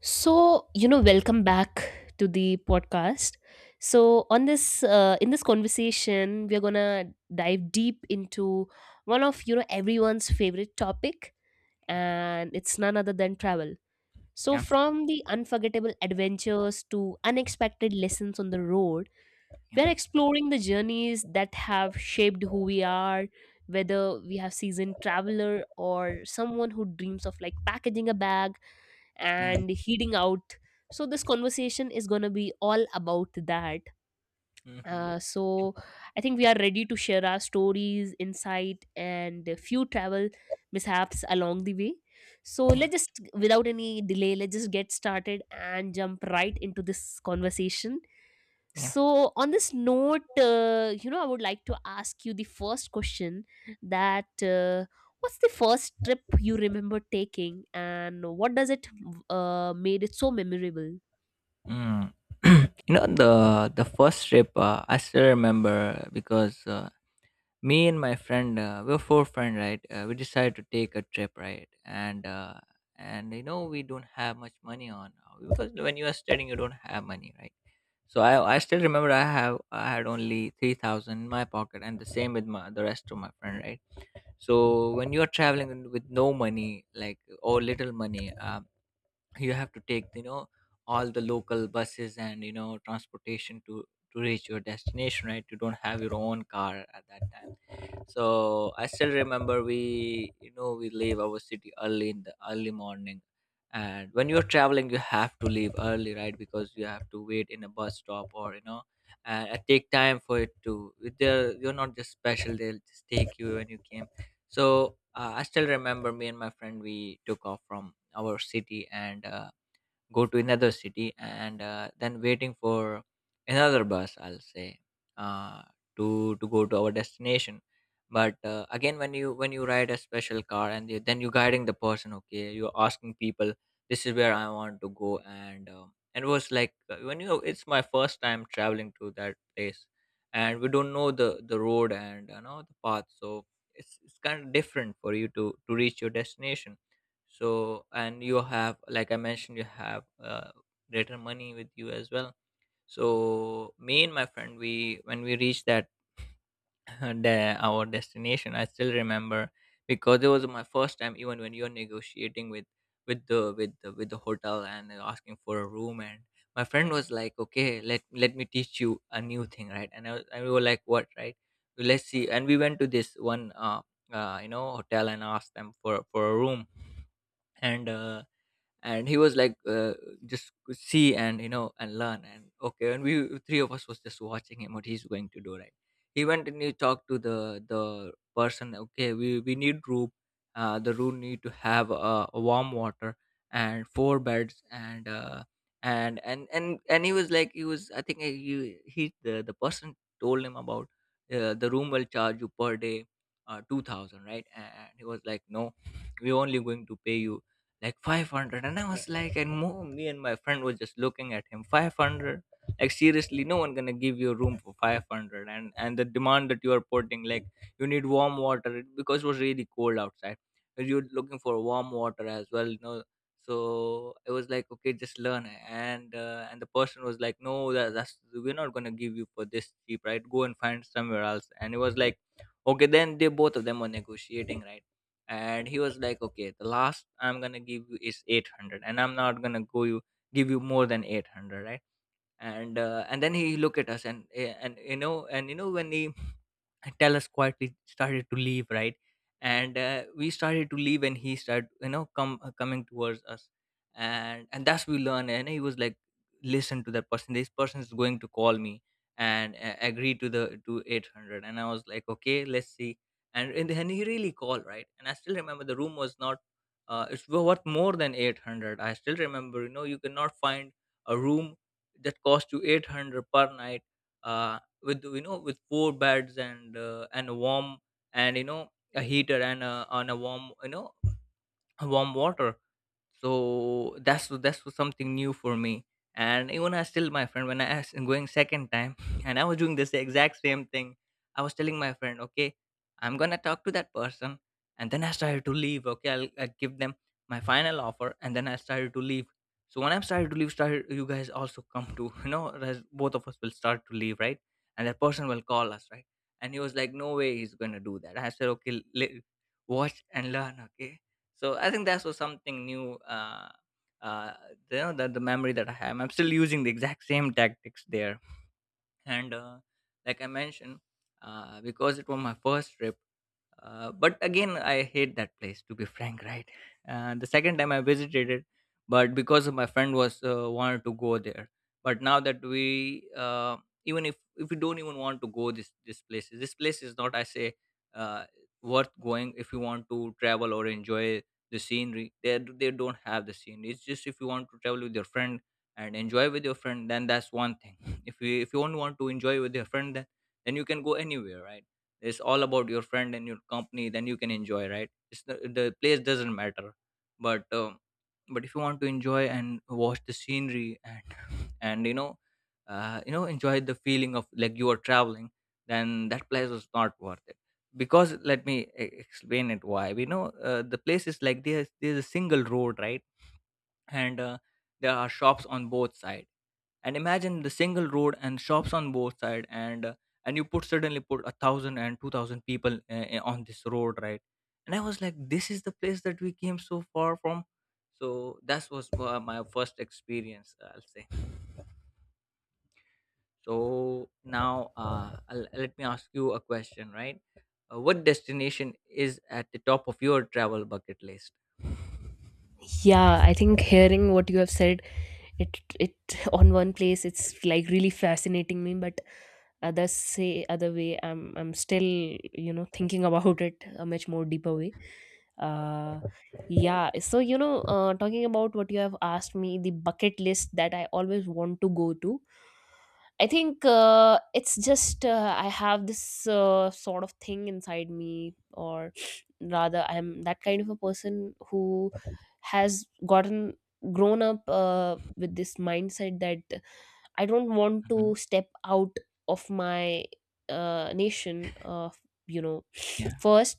So, you know, welcome back to the podcast. So, on this in this conversation, we are going to dive deep into one of, you know, everyone's favorite topic, Yeah, and it's none other than travel. So, yeah, from the unforgettable adventures to unexpected lessons on the road, we're yeah, exploring the journeys that have shaped who we are, whether we have seasoned traveler or someone who dreams of like packaging a bag yeah, and heading out. So this conversation is going to be all about that. mhm, So I think we are ready to share our stories insight and a few travel mishaps along the way. So yeah, let's just, without any delay, let's just get started and jump right into this conversation. yeah. So, on this note, I would like to ask you the first question, that what's the first trip you remember taking, and what does it made it so memorable? Mm. you know the the first trip, I still remember, because me and my friend, we were four friends, right. We decided to take a trip, right, and we don't have much money on because when you are studying you don't have money, right. So I still remember, I had only 3,000 in my pocket, and the same with my the rest of my friend, right. So when you are traveling with no money, like, or little money, you have to take, you know, all the local buses, and you know, transportation to reach your destination, right. You don't have your own car at that time, so I still remember, we, you know, we leave our city early, in the early morning. And when you're traveling you have to leave early, right, because you have to wait in a bus stop, or, you know, and it take time for it to, they're, you're not just special, they'll just take you when you came. So I still remember, me and my friend, we took off from our city, and go to another city, and then waiting for another bus, I'll say, uh, to go to our destination. But again, when you, when you ride a special car, and you, then you're guiding the person, okay, you're asking people, this is where I want to go. And and it was like, when you, it's my first time traveling to that place, and we don't know the road, and you know, the path. So it's kind of different for you to reach your destination. So, and you have, like I mentioned, you have greater money with you as well. So me and my friend, we, when we reached that our destination, I still remember, because it was my first time, even when you're negotiating with, with the hotel, and asking for a room. And my friend was like, okay, let me teach you a new thing, right. And we were like, what, right. Let's see. And we went to this one, you know, hotel, and asked them for a room. And and he was like, just see, and, you know, and learn, and okay. And we three of us was just watching him, what he's going to do, right. He went and he talked to the person, okay, we need room. The room need to have a warm water, and four beds, and and he was like, he was, I think, the person told him about, the room will charge you per day, 2000, right. And he was like, no, we're only going to pay you like 500. And I was like, and me and my friend was just looking at him, 500, like seriously, no one gonna give you a room for 500. And the demand that you are putting, like, you need warm water, because it was really cold outside, and you're looking for warm water as well, you know. So it was like, okay, just learn. And and the person was like, no, that's, we're not gonna give you for this cheap, right, go and find somewhere else. And it was like, okay, then they, both of them were negotiating, right. And he was like, okay, the last I'm gonna give you is 800, and I'm not gonna go you give you more than 800, right. And and then he look at us, and and, you know, and you know, when he, and Tellus quietly, started to leave, right? And we started to leave, and he started, you know, come, coming towards us. And that's we learn. And he was like, listen to that person, this person is going to call me and agree to the to 800. And I was like, okay, let's see. And then he really called, right? And I still remember the room was not, it's worth more than 800. I still remember, you know, you cannot find a room that cost you 800 per night, Uh, with, you know, with four beds, and a warm, and, you know, a heater, and on a warm, you know, a warm water. So that's was something new for me. And even, I still, my friend when I was going second time and I was doing this exact same thing, I was telling my friend, okay, I'm gonna talk to that person, and then I started to leave, okay, I'll give them my final offer, and then I started to leave. So when I started to leave, started, you guys also come to you know, both of us will start to leave, right. And that person will call us, right. And he was like, no way he's gonna do that. I said, okay, watch and learn, okay. So I think that was something new. Uh, you know, the memory that I have, I'm still using the exact same tactics there. And like I mentioned, because it was my first trip. But again, I hate that place, to be frank, right? The second time I visited it, but because of my friend was wanted to go there. But now that we even if we don't even want to go this place is not, I say, uh, worth going, if you want to travel or enjoy the scenery. They don't have the scenery. It's just, if you want to travel with your friend and enjoy with your friend, then that's one thing. If you don't want to enjoy with your friend, then you can go anywhere, right? It's all about your friend and your company, then you can enjoy, right. It's the place doesn't matter. But but if you want to enjoy and watch the scenery, and and you know, you know, enjoy the feeling of like you are traveling, then that place was not worth it. Because let me explain it, why. We know the place is like, there's a single road, right. And there are shops on both sides. And imagine the single road and shops on both side, and you put suddenly put a thousand and two thousand people on this road, right. And I was like, this is the place that we came so far from. So that was my first experience, I'll say. So now, let me ask you a question, right. What destination is at the top of your travel bucket list? Yeah, I think hearing what you have said, it on one place it's like really fascinating me, but others say other way. I'm still, you know, thinking about it a much more deeper way. uh yeah, so you know, talking about what you have asked me, the bucket list that I always want to go to, I think it's just I have this sort of thing inside me, or rather, I'm that kind of a person who has gotten grown up with this mindset that I don't want Mhm. to step out of my nation, you know, Yeah. first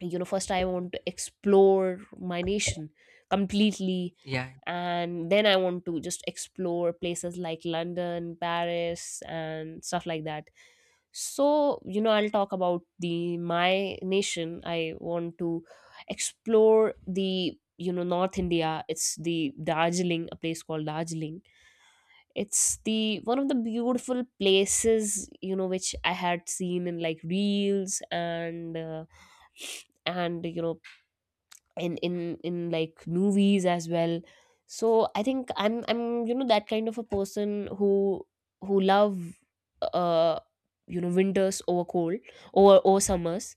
you know first I want to explore my nation completely, Yeah. and then I want to just explore places like London, Paris and stuff like that. So you know, I'll talk about the my nation. I want to explore the, you know, North India. It's the Darjeeling, a place called Darjeeling. It's the one of the beautiful places, you know, which I had seen in like reels and you know, in like movies as well. So I think I'm you know, that kind of a person who love uh you know, winters over cold over summers.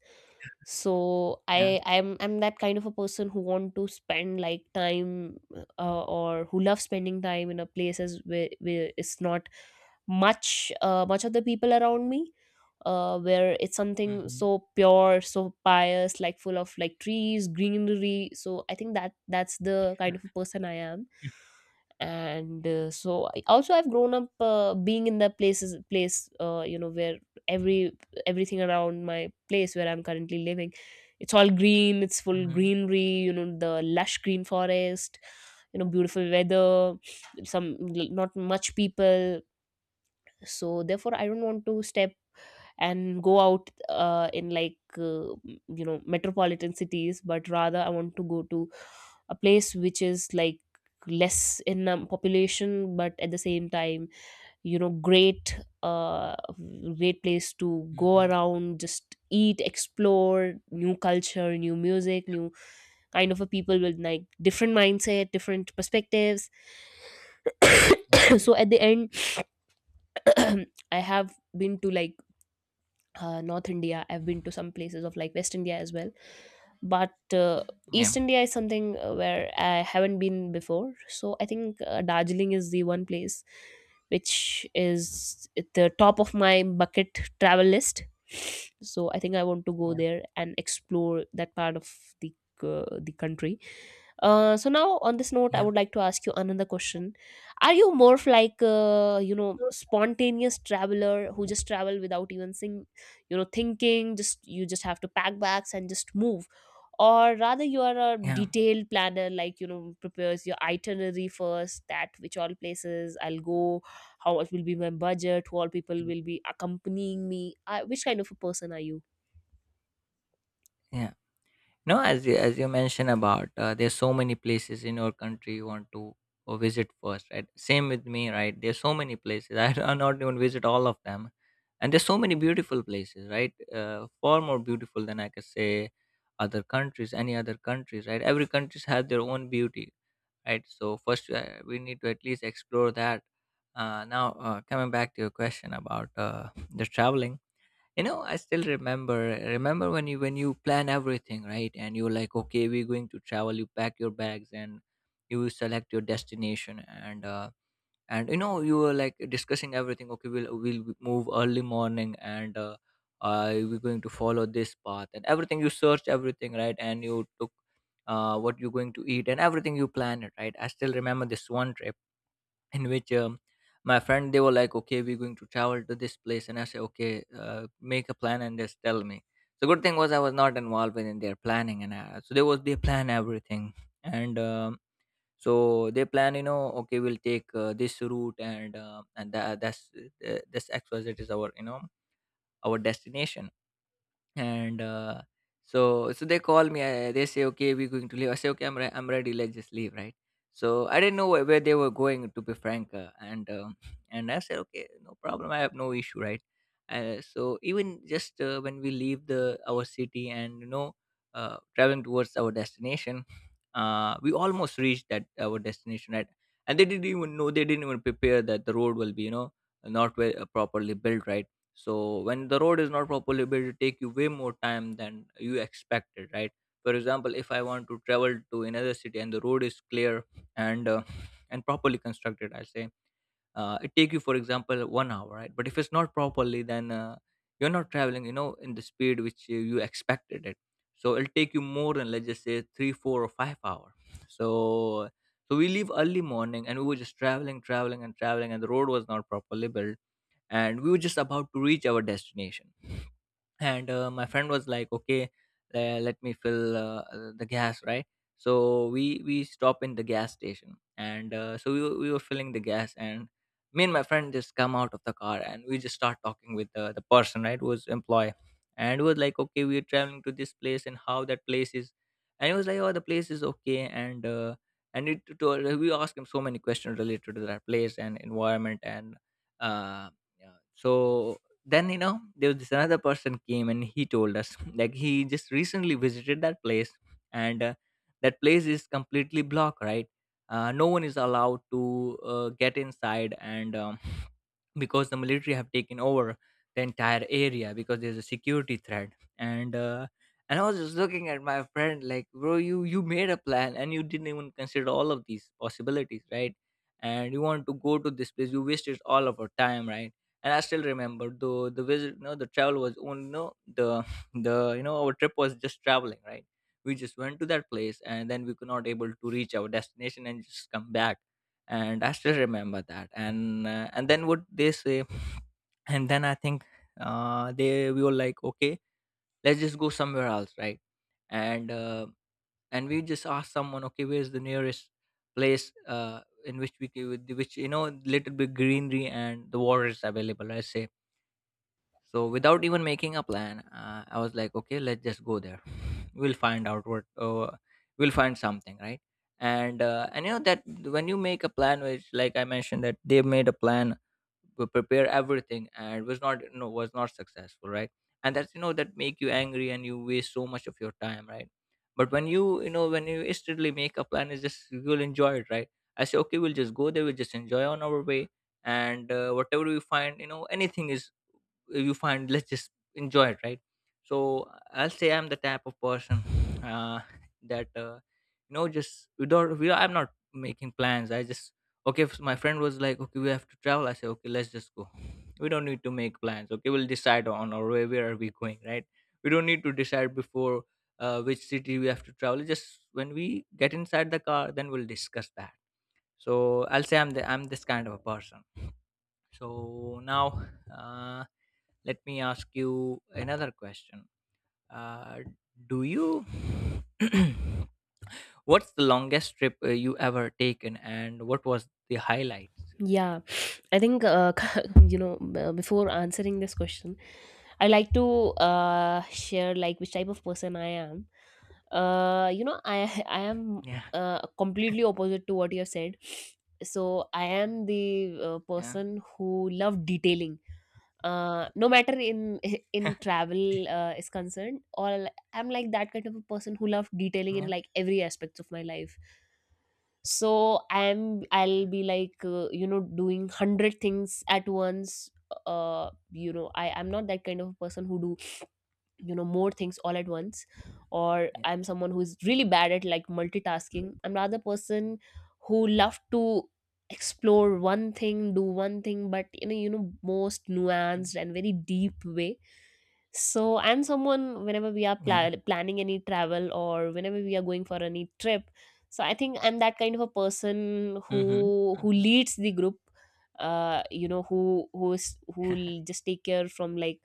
So Yeah. I'm that kind of a person who want to spend like time, or who loves spending time in a places where it's not much much of the people around me, where it's something Mm-hmm. so pure, so pious, like full of like trees, greenery. So I think that's the kind of a person I am. And Yeah. So also I've grown up being in the places place you know, where every everything around my place where I'm currently living, it's all green, it's full Mm-hmm. greenery, you know, the lush green forest, you know, beautiful weather, some, not much people. So therefore I don't want to step and go out in like you know, metropolitan cities, but rather I want to go to a place which is like less in population, but at the same time, you know, great place to go Mm-hmm. around, just eat, explore new culture, new music, new kind of a people with like different mindset, different perspectives. Yeah. So at the end, I have been to like North India, I've been to some places of like West India as well, but Yeah. East India is something where I haven't been before. So I think Darjeeling is the one place which is at the top of my bucket travel list. So I think I want to go Yeah. there and explore that part of the the country. So now, on this note, I Yeah. would like to ask you another question. Are you more of like, spontaneous traveler who just travel without even thinking? Just you just have to pack bags and just move, or rather you are a Yeah. detailed planner, like you know, prepares your itinerary first, that which all places I'll go, how much will be my budget, who all people Mm-hmm. will be accompanying me, which kind of a person are you? Yeah. No, as you mentioned about, there's so many places in your country you want to visit first, right? Same with me, right? There's so many places I do not even visit all of them, and there's so many beautiful places, right? Far more beautiful than I could say, other countries, any other countries, right? Every countries has their own beauty, right? So first, we need to at least explore that. Now, coming back to your question about the traveling. You know, I still remember, when you plan everything, right, and you're like, okay, we're going to travel, you pack your bags, and you select your destination, and and, you know, you were like discussing everything, okay, we'll move early morning, and we're going to follow this path, and everything you searched everything, right. And you took, what you're going to eat, and everything, you planned it, right. I still remember this one trip in which, my friend, they were like, okay, we're going to travel to this place. And I said, okay, make a plan and just tell me. The good thing was, I was not involved in their planning. And so they was, they plan everything. And so they plan, you know, okay, we'll take, this route, and that's, this XYZ is our, you know, our destination. And so they call me. I, they say, "Okay, we're going to leave." I say, "Okay, I'm ready. Let's just leave, right?" So I didn't know where they were going, to be frank. And and I said, "Okay, no problem. I have no issue, right?" So even just when we leave the our city and traveling towards our destination, we almost reached that our destination, right? And they didn't even know. They didn't even prepare that the road will be, not well, properly built, right? So when the road is not properly built, it take you way more time than you expected, right? For example, if I want to travel to another city and the road is clear and and properly constructed, I say it take you for example 1 hour, right? But if it's not properly, then you're not traveling, you know, in the speed which you expected it. So it'll take you more than, let's just say, 3 4 or 5 hour. So so we leave early morning and we were just traveling, traveling and traveling, and the road was not properly built, and we were just about to reach our destination. And my friend was like, okay, let me fill the gas, right? So we stop in the gas station, and so we were filling the gas. And me and my friend just come out of the car, and we just start talking with the person, right, who was employee. And we was like, okay, we're traveling to this place and how that place is. And he was like, oh, the place is okay. And we asked him so many questions related to that place and environment and uh, yeah. So then, you know, there was this another person came and he told us like he just recently visited that place. And that place is completely blocked, right? No one is allowed to get inside. And because the military have taken over the entire area because there's a security threat. And uh, and I was just looking at my friend like, bro, you made a plan and you didn't even consider all of these possibilities, right? And you want to go to this place, you wasted all of our time, right? And I still remember, though, the travel was only, no the the you know our trip was just traveling, right? We just went to that place and then we could not able to reach our destination and just come back. And I still remember that. And then what they say, and then I think they we were like, okay, let's just go somewhere else, right? And uh, and we just asked someone, okay, where's the nearest place in which we can, which, you know, little bit greenery and the water is available. I say, so without even making a plan, I was like, okay, let's just go there. We'll find out what we'll find something, right? And you know that when you make a plan, which, like I mentioned, that they made a plan to prepare everything and was not, you know, was not successful, right? And that's, you know, that make you angry and you waste so much of your time, right? But when you instantly make a plan, is just you'll enjoy it, right? I say, okay, we'll just go there, we'll just enjoy on our way, and whatever we find, you know, anything is you find, let's just enjoy it, right? So I'll say I'm the type of person uh, that you know, just without we I'm not making plans. I just, okay, if my friend was like, okay, we have to travel, I say, okay, let's just go. We don't need to make plans. Okay, we'll decide on our way where are we going, right? We don't need to decide before which city we have to travel. Just when we get inside the car, then we'll discuss that. So I'll say I'm this kind of a person. So now, uh, let me ask you another question. uh, do you what's the longest trip you ever taken and what was the highlights? Yeah, I think you know, before answering this question, I like to share like which type of person I am. You know, I I am Yeah. Completely opposite to what you have said. So I am the Yeah. person who love detailing. No matter in in travel is concerned, or I'm like that kind of a person who love detailing in Yeah, like every aspects of my life. So I'll yeah, be like you know, doing 100 things at once. You know, I'm not that kind of a person who do, you know, more things all at once, or yeah. I'm someone who's really bad at like multitasking. I'm rather person who love to explore one thing, do one thing, but in a, you know, most Mm, nuanced and very deep way. So I'm someone, whenever we are yeah. Planning any travel or whenever we are going for any trip, so I think I'm that kind of a person Mm-hmm. who leads the group, you know, who who will just take care, from like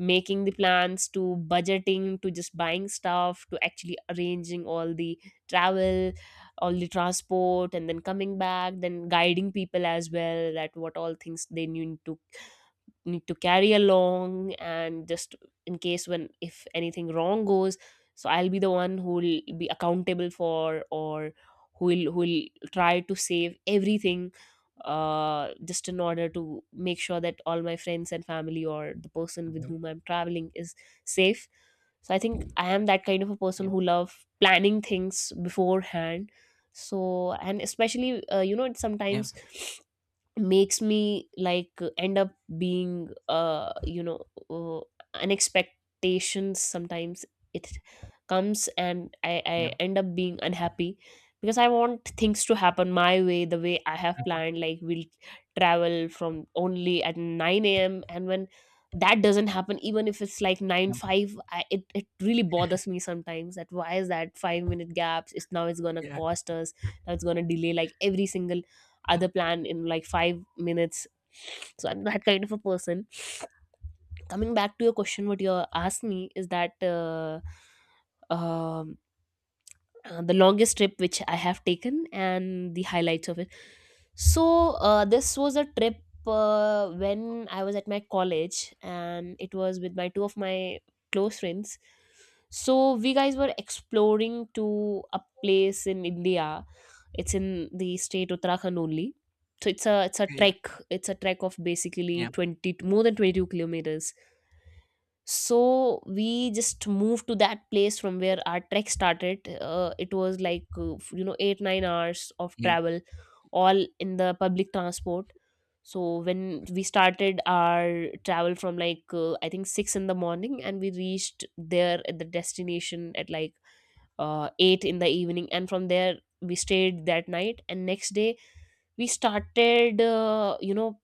making the plans, to budgeting, to just buying stuff, to actually arranging all the travel, all the transport, and then coming back, then guiding people as well, that what all things they need to carry along, and just in case when if anything wrong goes, so I'll be the one who will be accountable for, or who will try to save everything, just in order to make sure that all my friends and family, or the person with Mm-hmm. whom I'm traveling, is safe. So I think I am that kind of a person Yeah. who love planning things beforehand. So, and especially you know, Yeah. sometimes makes me like end up being uh, an expectation sometimes. It comes, and Yeah. I end up being unhappy, because I want things to happen my way, the way I have planned, like we'll travel from only at 9 a.m., and when that doesn't happen, even if it's like 9 5, it really bothers me sometimes, that why is that 5 minute gaps, it's now it's gonna Yeah. cost us, now it's gonna delay like every single other plan in like 5 minutes. So I'm that kind of a person. Coming back to your question, what you asked me, is that um the longest trip which I have taken, and the highlights of it. So this was a trip when I was at my college, and it was with my two of my close friends. So we guys were exploring to a place in India. It's in the state Uttarakhand only. So it's a trek. It's a trek of Yeah. basically Yeah. twenty more than 22 kilometers. So we just moved to that place from where our trek started. It was like you know, 8 9 hours of Yeah. travel, all in the public transport. So when we started our travel from like I think 6 in the morning, and we reached there at the destination at like 8 in the evening, and from there we stayed that night, and next day we started, you know,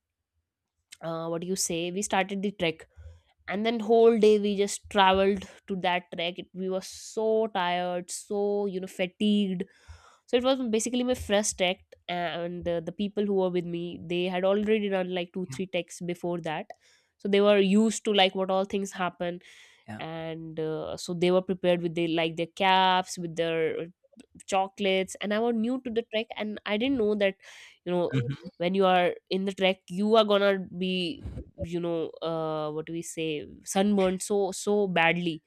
what do you say we started the trek. And then whole day we just traveled to that trek. We were so tired, so you know, fatigued. So it was basically my first trek. And the people who were with me, they had already done like two Yeah. three Yeah. treks before that. So they were used to like what all things happen. Yeah. And so they were prepared with their like their caps, with their chocolates, and I was new to the trek, and I didn't know that, you know, Mm-hmm. when you are in the trek, you are gonna be, you know, what do we say sunburned so so badly.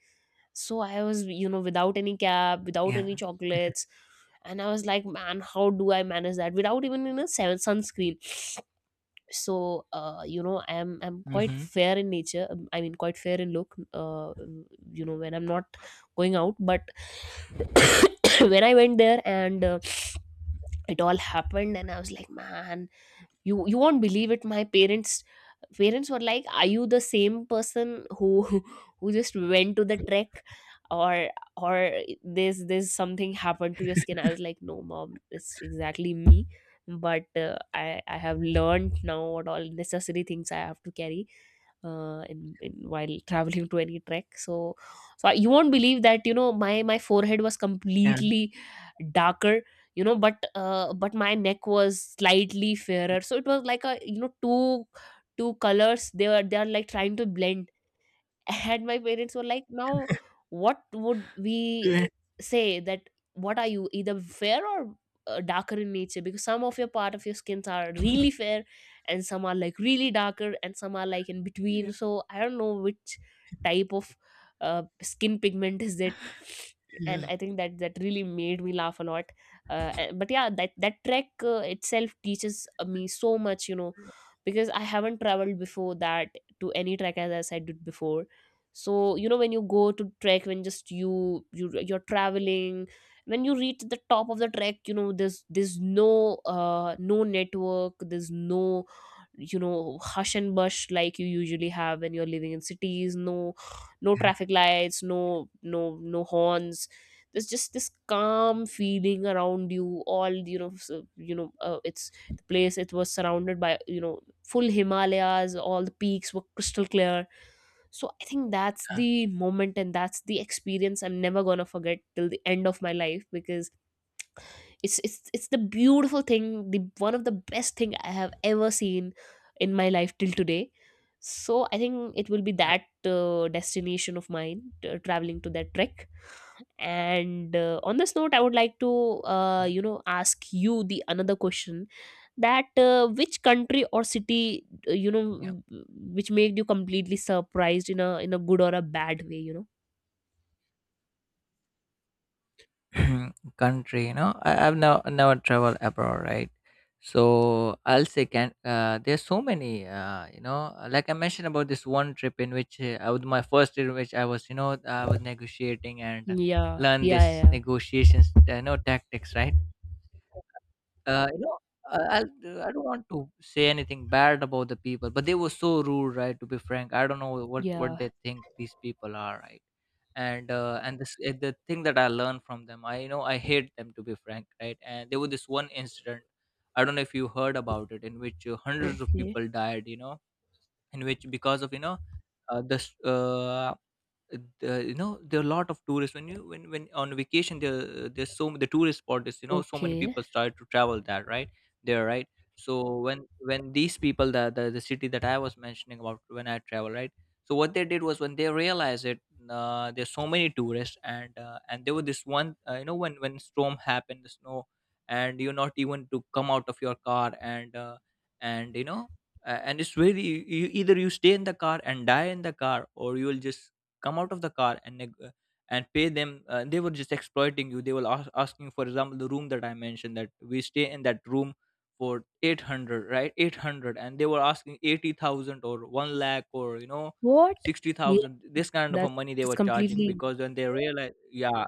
So I was, you know, without any cap, without Yeah. any chocolates, and I was like, man, how do I manage that without even in a sunscreen. So you know, I'm quite Mm-hmm. fair in nature, I mean quite fair in look, you know, when I'm not going out. But when I went there, and it all happened, and I was like, man, you won't believe it, my parents were like, are you the same person who who just went to the trek, or or this something happened to your skin? I was like, no mom, it's exactly me. But I have learned now what all necessary things I have to carry in while traveling to any trek. So so you won't believe that, you know, my forehead was Yeah. completely darker. You know, but my neck was slightly fairer, so it was like a, two colors. They were, they are like trying to blend. And my parents were like, "Now what would we Yeah. say that? What are you, either fair or darker in nature? Because some of your part of your skins are really fair, and some are like really darker, and some are like in Yeah. between. So I don't know which type of skin pigment is it." And Yeah. I think that really made me laugh a lot. But yeah, that trek itself teaches me so much, you know, because I haven't traveled before that to any trek, as I said it before. So you know, when you go to trek, when just you're traveling, when you reach the top of the trek, you know, there's no no network, there's no, you know, hush and bush like you usually have when you're living in cities. No no traffic lights, no no horns. There's just this calm feeling around you all, you know. You know, it's the place. It was surrounded by, you know, full Himalayas. All the peaks were crystal clear. So I think that's Yeah. the moment, and that's the experience I'm never gonna forget till the end of my life, because it's the beautiful thing, the one of the best thing I have ever seen in my life till today. So I think it will be Yeah. that destination of mine, traveling to that trek. And On this note, I would like to Yeah. Ask you the another question, that which country or city, you know, Yeah. Which made you completely surprised in a good or a bad way, you know. Country, you know, I've never traveled abroad, right? So I'll say can there's so many uh, you know like I mentioned about this one trip in which I was my first trip in which I was, you know, I was negotiating and yeah learn yeah this yeah negotiations tactics, right? uh, you know I'll, I do not want to say anything bad about the people, but they were so rude, right? To be frank, I don't know what Yeah. they think these people are, right? And this the thing that I learned from them, I, you know, I hate them, to be frank, right? And there was this one incident, I don't know if you heard about it, in which hundreds of Okay. people died, you know, in which because of, you know, uh, this uh, you know, there are a lot of tourists when you when on vacation. There there's the tourist spot is, you know, so many Okay. people start to travel that, right? there right So when these people, that the city that I was mentioning about, when I travel, right? So what they did was when they realized it, there's so many tourists, and there was this one you know, when storm happened, the snow, and you're not even to come out of your car, and you know and it's very, you- either you stay in the car and die in the car, or you will just come out of the car and pay them. They were just exploiting you. They were asking, for example, the room that I mentioned that we stay in, that room for 800, right, 800, and they were asking 80,000 or 1 lakh, or you know, What? Yeah, 60,000, this kind of a that's money they that's were charging completely. because when they realized yeah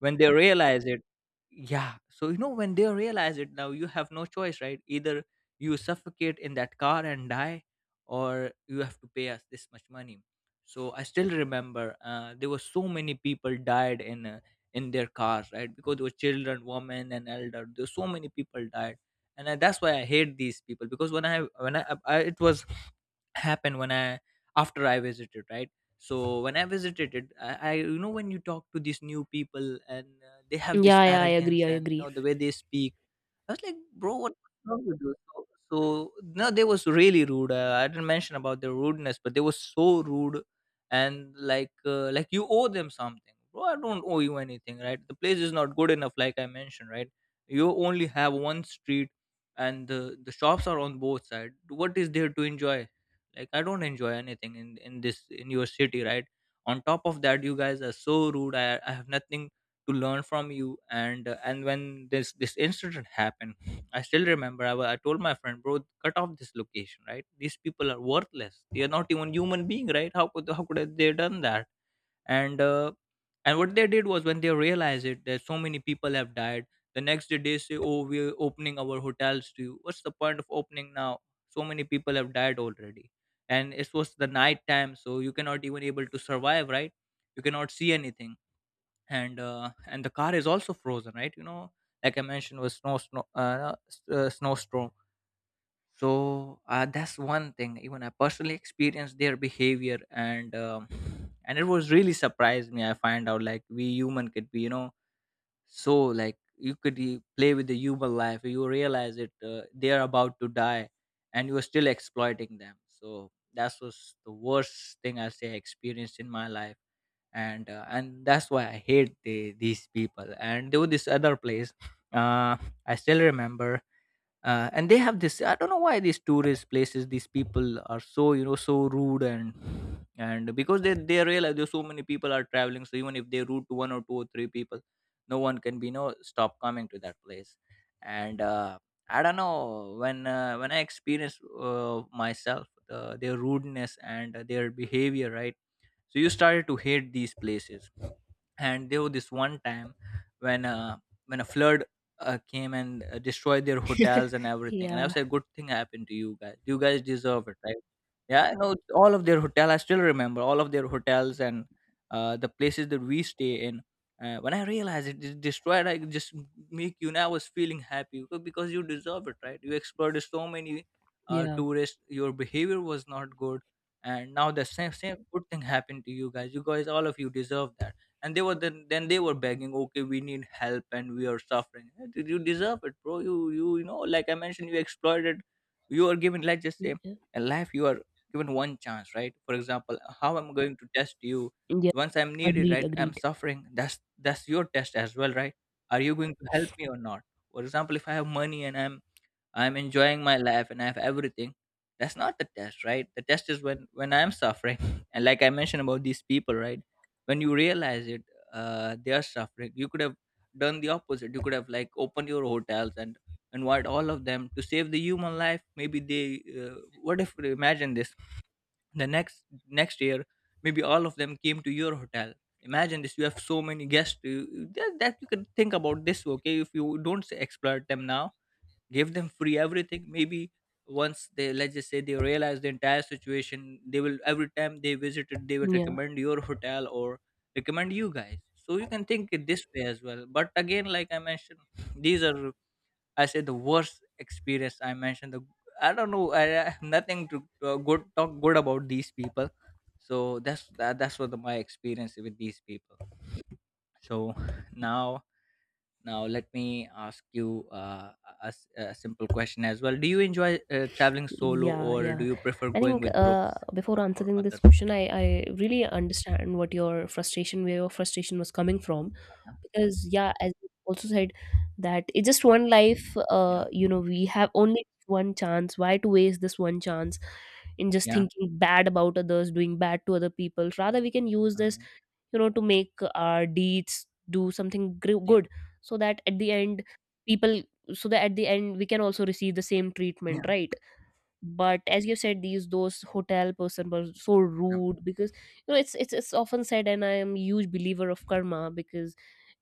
when they realize it yeah so you know when they realize it, now you have no choice, right? Either you suffocate in that car and die, or you have to pay us this much money. So I still remember, there were so many people died in their cars, right? Because there were children, women and elder, there were so many people died. That's why I hate these people. Because when I I it was happened when I after I visited, right? So when I visited it, I, you know, when you talk to these new people, and they have this Yeah. yeah i agree arrogance i and, you agree know, the way they speak, I was like, bro, what's wrong with you? So no, they was really rude. I didn't mention about their rudeness, but they were so rude, and like you owe them something, bro. I don't owe you anything, right? The place is not good enough, like I mentioned, right? You only have one street, and the shops are on both sides. What is there to enjoy? Like, I don't enjoy anything in this in your city, right? On top of that, you guys are so rude. I have nothing to learn from you. And when this incident happened, I still remember I told my friend, bro, cut off this location, right? These people are worthless. They are not even human being, right? How could how could have they done that? And uh, and what they did was when they realized it that so many people have died, the next day they say, oh, we're opening our hotels to you. What's the point of opening now? So many people have died already. And it was the night time, so you cannot even able to survive, right? You cannot see anything. And and the car is also frozen, right? You know, like I mentioned, was snowstorm. So that's one thing. Even I personally experienced their behavior. And it was really surprised me. I find out like we human could be, you know, so like you could play with the human life. You realize it, they are about to die, and you're still exploiting them. So that was the worst thing, I say, I experienced in my life. And that's why I hate these people. And there was this other place, uh, I still remember, and they have this, I don't know why these tourist places, these people are so, you know, so rude. And because they realize there's so many people are traveling, so even if they rude to one or two or three people, no one can be no stop coming to that place. And I don't know when I experience myself their rudeness and their behavior, right? So you started to hate these places. And there was this one time when a flood came and destroyed their hotels and everything. And I yeah was like, good thing happened to you guys, you guys deserve it, right? Yeah, no, all of their hotel, I still remember, all of their hotels and the places that we stay in, when I realized it is destroyed, I just make, you know, I was feeling happy because you deserve it, right? You exploited so many yeah tourists, your behavior was not good. And now the same good thing happened to you guys, you guys, all of you deserve that. And they were, then they were begging, okay, we need help and we are suffering. Eh, did you deserve it, bro? You you know, like I mentioned, you exploited. You are given, let's just say, in life, you are given one chance, right? For example, how I'm going to test you? yeah Once I'm needed, Agreed, right, I'm agreed. suffering, that's your test as well, right? Are you going to help me or not? For example, if I have money and I'm enjoying my life and I have everything. That's not the test, right? The test is when I'm suffering, and like I mentioned about these people, right? When you realize it, they are suffering. You could have done the opposite. You could have like opened your hotels and invite all of them to save the human life. Maybe they. Uh, what if imagine this? The next year, maybe all of them came to your hotel. Imagine this. You have so many guests. That that you can think about this. Okay, if you don't exploit them now, give them free everything, maybe once they, let's just say, they realize the entire situation, they will, every time they visited, they will recommend your hotel or recommend you guys. So you can think it this way as well. But again, like I mentioned, these are, I say, the worst experience I mentioned. The I don't know, I have nothing to good talk good about these people. So that's that's what my experience with these people. So now, now, let me ask you a simple question as well. Do you enjoy traveling solo Yeah, or yeah. do you prefer I going think with groups before or answering this others? question, I really understand what your frustration, where your frustration was coming from. Because, yeah, as you also said, that it's just one life, Yeah. you know, we have only one chance. Why to waste this one chance in just Yeah. thinking bad about others, doing bad to other people? Rather, we can use this, Hmm. you know, to make our deeds do something Yeah. good, so that at the end, people, so that at the end, we can also receive the same Yeah. treatment, right? But as you said, these those hotel person was so Yeah. rude because, you know, it's often said, and I am huge believer of karma, because,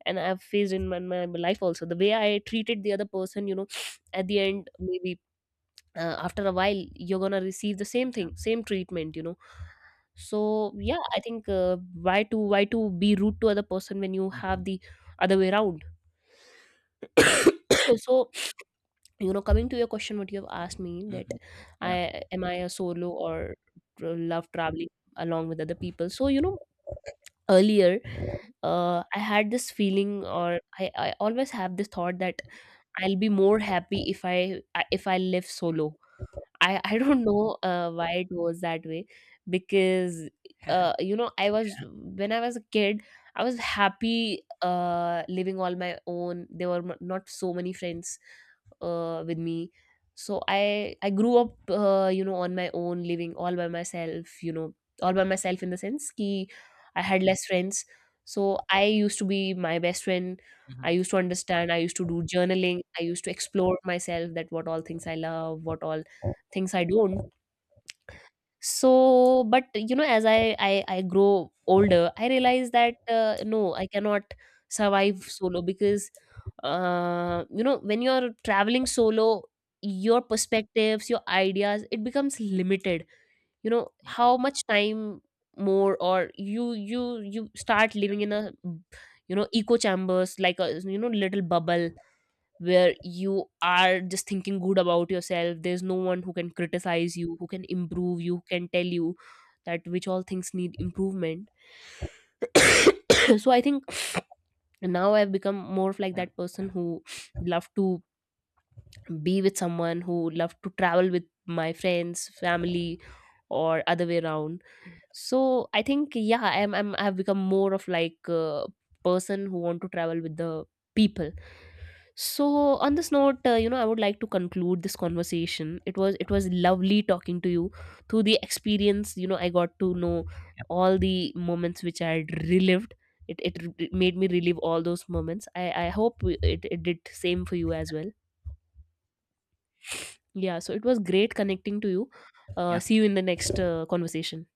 and I've faced in my, my life also, the way I treated the other person, you know, at the end maybe, after a while, you're gonna receive the same Yeah. thing, same treatment, you know. So yeah, I think, why to be rude to other person when you have Hmm. the other way around. so you know, coming to your question, what you have asked me, Hmm. that i Yeah. I a solo, or love traveling along with other people. So you know, earlier, I had this feeling, or I always have this thought that I'll be more happy if if I live solo. I don't know why it was that way. Because, you know, I was when I was a kid, I was happy, living all my own. There were not so many friends with me, so I grew up, you know, on my own, living all by myself. You know, all by myself in the sense ki I had less friends. So I used to be my best friend. Hmm. I used to understand. I used to do journaling. I used to explore myself, that what all things I love, what all things I don't. So, but you know, as I grow older, I realize that, no, I cannot survive solo because, you know, when you're traveling solo, your perspectives, your ideas, it becomes limited. You know, Yeah. how much time more, or you start living in a, you know, echo chambers, like a, you know, little bubble, where you are just thinking good about yourself. There's no one who can criticize you, who can improve you, who can tell you that which all things need improvement. so I think now I've become more of like Yeah. that Yeah. person who love to be with someone, who love to travel with my friends, family, or other way around. So I think, yeah, I have become more of like a person who want to travel with the people. So on this note, you know, I would like to conclude this conversation. It was, it was lovely talking to you through the experience. You know, I got to know Yeah. all the moments which I had relived. It made me relive all those moments. I hope it, it did same for you as well. Yeah. So it was great connecting to you. Yeah. See you in the next conversation.